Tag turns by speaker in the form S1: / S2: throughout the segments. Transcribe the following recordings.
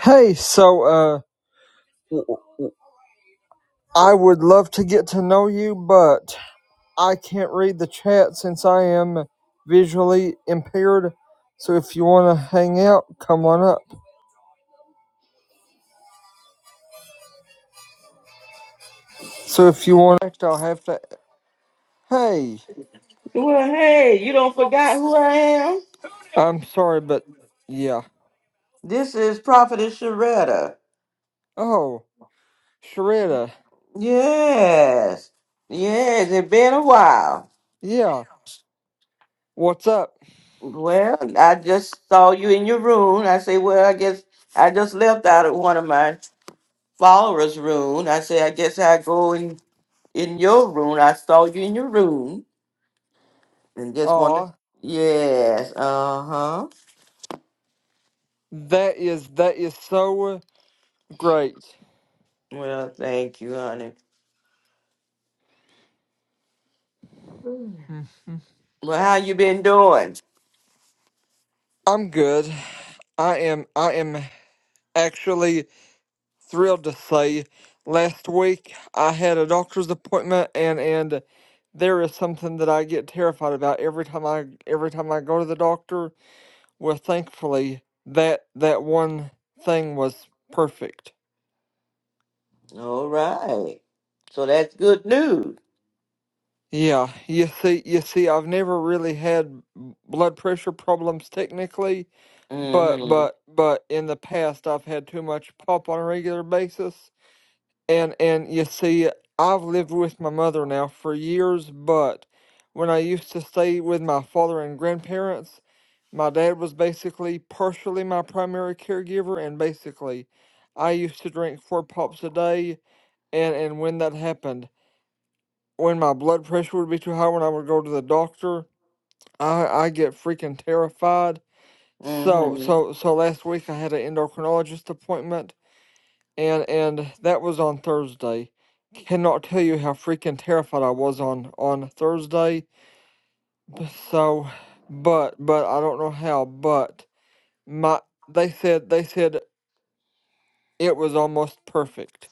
S1: Hey, so uh, w- w- I would love to get to know you, but I can't read the chat since I am visually impaired. So if you want to hang out, come on up. So if you want, I'll have to. Hey,
S2: Well, hey, you don't forgot who I am?
S1: I'm sorry, but yeah.
S2: This is Prophetess Sharetta.
S1: Oh, Sharetta,
S2: Yes. Yes, it's been a while.
S1: yeah. What's up?
S2: Well, I just saw you in your room. I say, well, I guess I just left out of one of my followers' room. I say, I guess I go in in your room. I saw you in your room and just wanted.
S1: Aw,
S2: Yes. Uh huh.
S1: that is that is so great.
S2: Well, thank you, honey. Well,
S1: Mhm.
S2: how you been doing?
S1: I'm good. I am I am actually. thrilled to say last week I had a doctor's appointment and and there is something that I get terrified about every time I every time I go to the doctor. Well, thankfully that that one thing was perfect.
S2: All right. So that's good news.
S1: Yeah, you see, you see, I've never really had b- blood pressure problems technically, but
S2: Mm-hmm.
S1: but but in the past I've had too much pop on a regular basis, And and you see, I've lived with my mother now for years, but when I used to stay with my father and grandparents, my dad was basically partially my primary caregiver, and basically, I used to drink four pops a day. And and when that happened, when my blood pressure would be too high, when I would go to the doctor, I I get freaking terrified. So
S2: Mm-hmm.
S1: so so last week I had an endocrinologist appointment and and that was on Thursday. Cannot tell you how freaking terrified I was on on Thursday. So, but but I don't know how, but my they said they said it was almost perfect.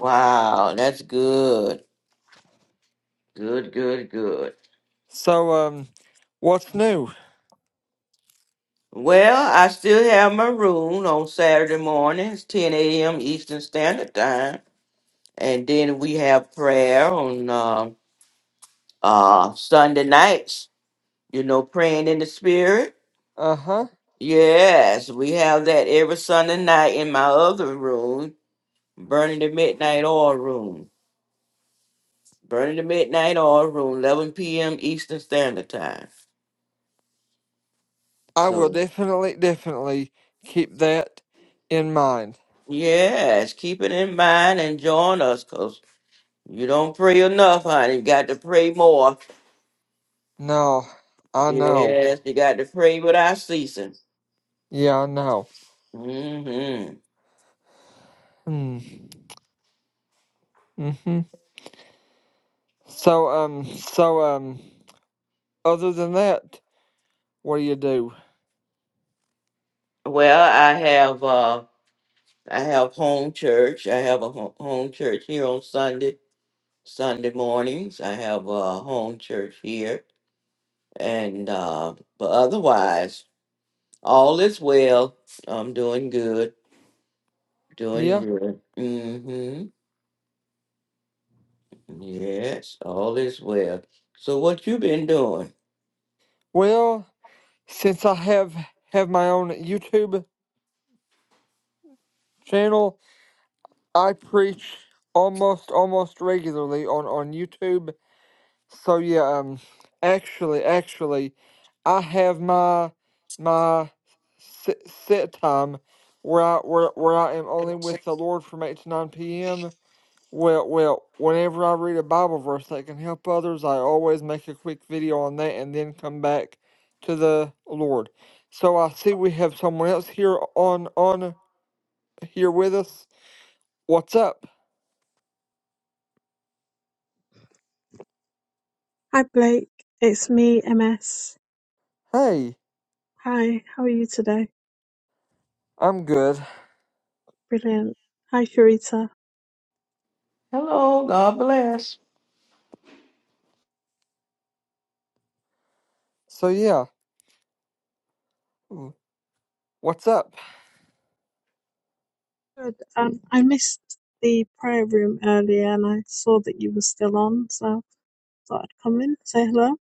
S2: Wow, that's good. Good, good, good.
S1: So um, what's new?
S2: Well, I still have my room on Saturday mornings, 10 a.m. Eastern Standard Time. And then we have prayer on uh, uh, Sunday nights, you know, praying in the spirit.
S1: Uh huh.
S2: Yes, we have that every Sunday night in my other room, Burning the Midnight Oil Room. Burning the midnight oil room, 11 p.m. Eastern Standard Time.
S1: I will
S2: So,
S1: definitely definitely keep that in mind.
S2: yes, keep it in mind and join us because you don't pray enough, honey. You got to pray more.
S1: No, I know.
S2: Yes, you got to pray without ceasing.
S1: Yeah, I know.
S2: hmm
S1: Hmm. Mhm. So um. So um. Other than that. What do you do?
S2: Well, I have uh, I have home church. I have a ho- home church here on Sunday, Sunday mornings. I have a home church here, and uh, but otherwise, all is well. I'm doing good. Doing
S1: Yeah.
S2: good. Mm-hmm. Yes, all is well. So what you been doing?
S1: Well, since I have have my own YouTube channel, I preach almost almost regularly on on YouTube. So yeah, um actually actually I have my my set sit time where I where, where I am only with the Lord from 8 to 9 p.m. Well, well, whenever I read a Bible verse that can help others, I always make a quick video on that and then come back to the Lord. So I see we have someone else here on on here with us. What's up?
S3: Hi Blake, it's me, MS.
S1: Hey,
S3: Hi, how are you today?
S1: I'm good.
S3: Brilliant. Hi Sharita.
S2: Hello, God bless.
S1: So yeah, w- what's up?
S3: Good. Um, I missed the prayer room earlier and I saw that you were still on, so I thought I'd come in, say hello.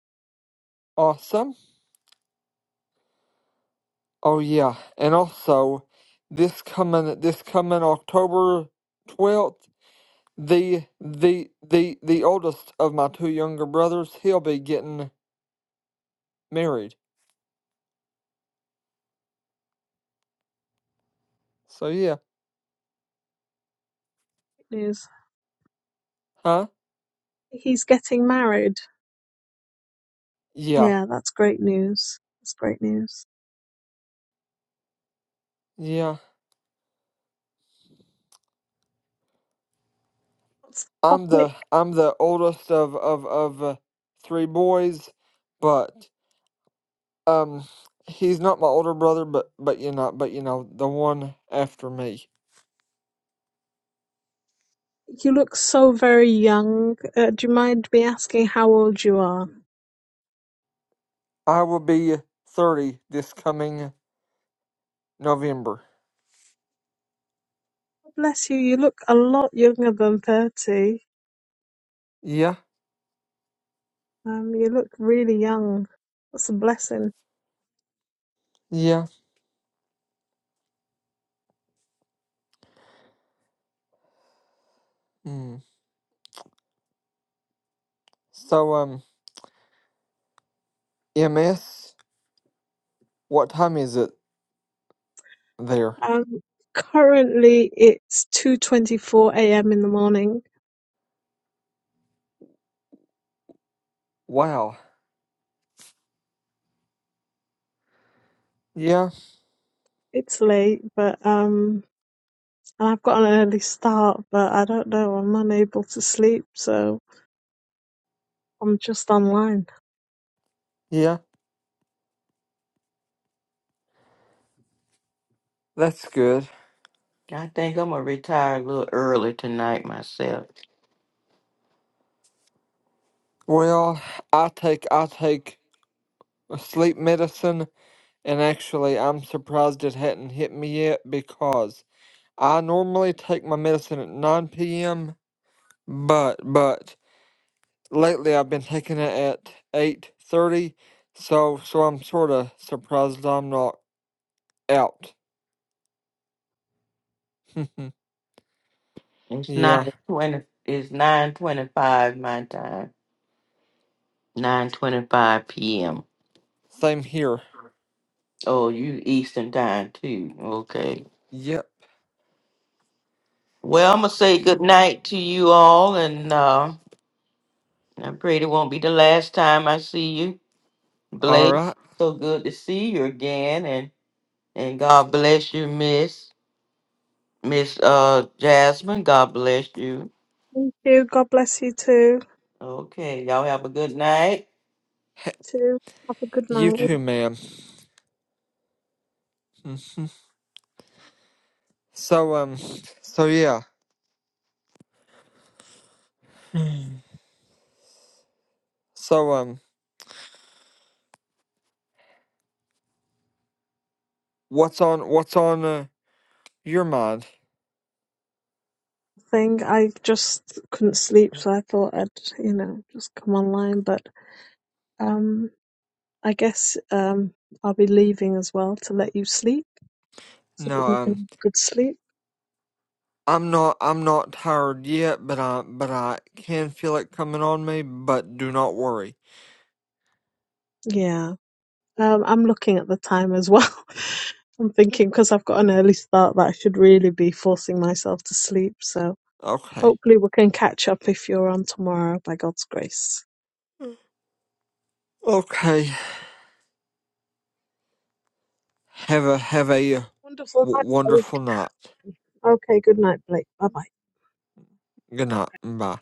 S1: Awesome. Oh yeah, and also this coming this coming October twelfth, the the the the oldest of my two younger brothers, he'll be getting married. So yeah,
S3: Great news.
S1: huh?
S3: He's getting married.
S1: Yeah,
S3: Yeah, that's great news. That's great news.
S1: yeah.
S3: What's the
S1: I'm
S3: topic?
S1: the I'm the oldest of of of uh, three boys, but um, he's not my older brother, but but you know, but you know, the one after me.
S3: You look so very young. Uh, do you mind me asking how old you are?
S1: I will be thirty this coming November.
S3: Bless you, you look a lot younger than 30.
S1: Yeah,
S3: Um, you look really young. That's a blessing.
S1: yeah. Mm. So um, MS, what time is it there?
S3: Um, currently it's 2:24 a.m. in the morning.
S1: Wow. Yeah,
S3: It's late, but um, and I've got an early start, but I don't know. I'm unable to sleep, so I'm just online.
S1: yeah. That's good.
S2: I think I'm gonna retire a little early tonight myself.
S1: Well, I take I take sleep medicine And actually, I'm surprised it hadn't hit me yet because I normally take my medicine at 9 p.m. But but lately I've been taking it at 8:30, so so I'm sort of surprised I'm not out.
S2: It's
S1: yeah,
S2: nine twenty it's nine twenty five my time. Nine twenty five PM.
S1: same here.
S2: Oh, you Eastern time too. Okay.
S1: Yep.
S2: Well I'm gonna say good night to you all and uh I pray it won't be the last time I see you.
S1: All
S2: Blake,
S1: right.
S2: so good to see you again and. And God bless you, Miss Miss uh Jasmine. God bless you.
S3: Thank you. God bless you too.
S2: Okay, y'all have a good night.
S3: Too. Have a good
S1: You
S3: night.
S1: too, ma'am. Mhm. so um, so yeah. So um, what's on what's on uh, your mind?
S3: Thing I just couldn't sleep, so I thought I'd, you know, just come online. But um, I guess um, I'll be leaving as well to let you sleep. so that
S1: No
S3: you can
S1: um.
S3: have good sleep.
S1: I'm not I'm not tired yet, but I but I can feel it coming on me, but do not worry.
S3: Yeah, um, I'm looking at the time as well. I'm thinking because I've got an early start that I should really be forcing myself to sleep. So
S1: Okay.
S3: hopefully we can catch up if you're on tomorrow by God's grace.
S1: Okay. Have a have a
S3: Wonderful. Thanks, Blake.
S1: wonderful night.
S3: Okay, good night, Blake. Bye bye.
S1: Good night. Bye.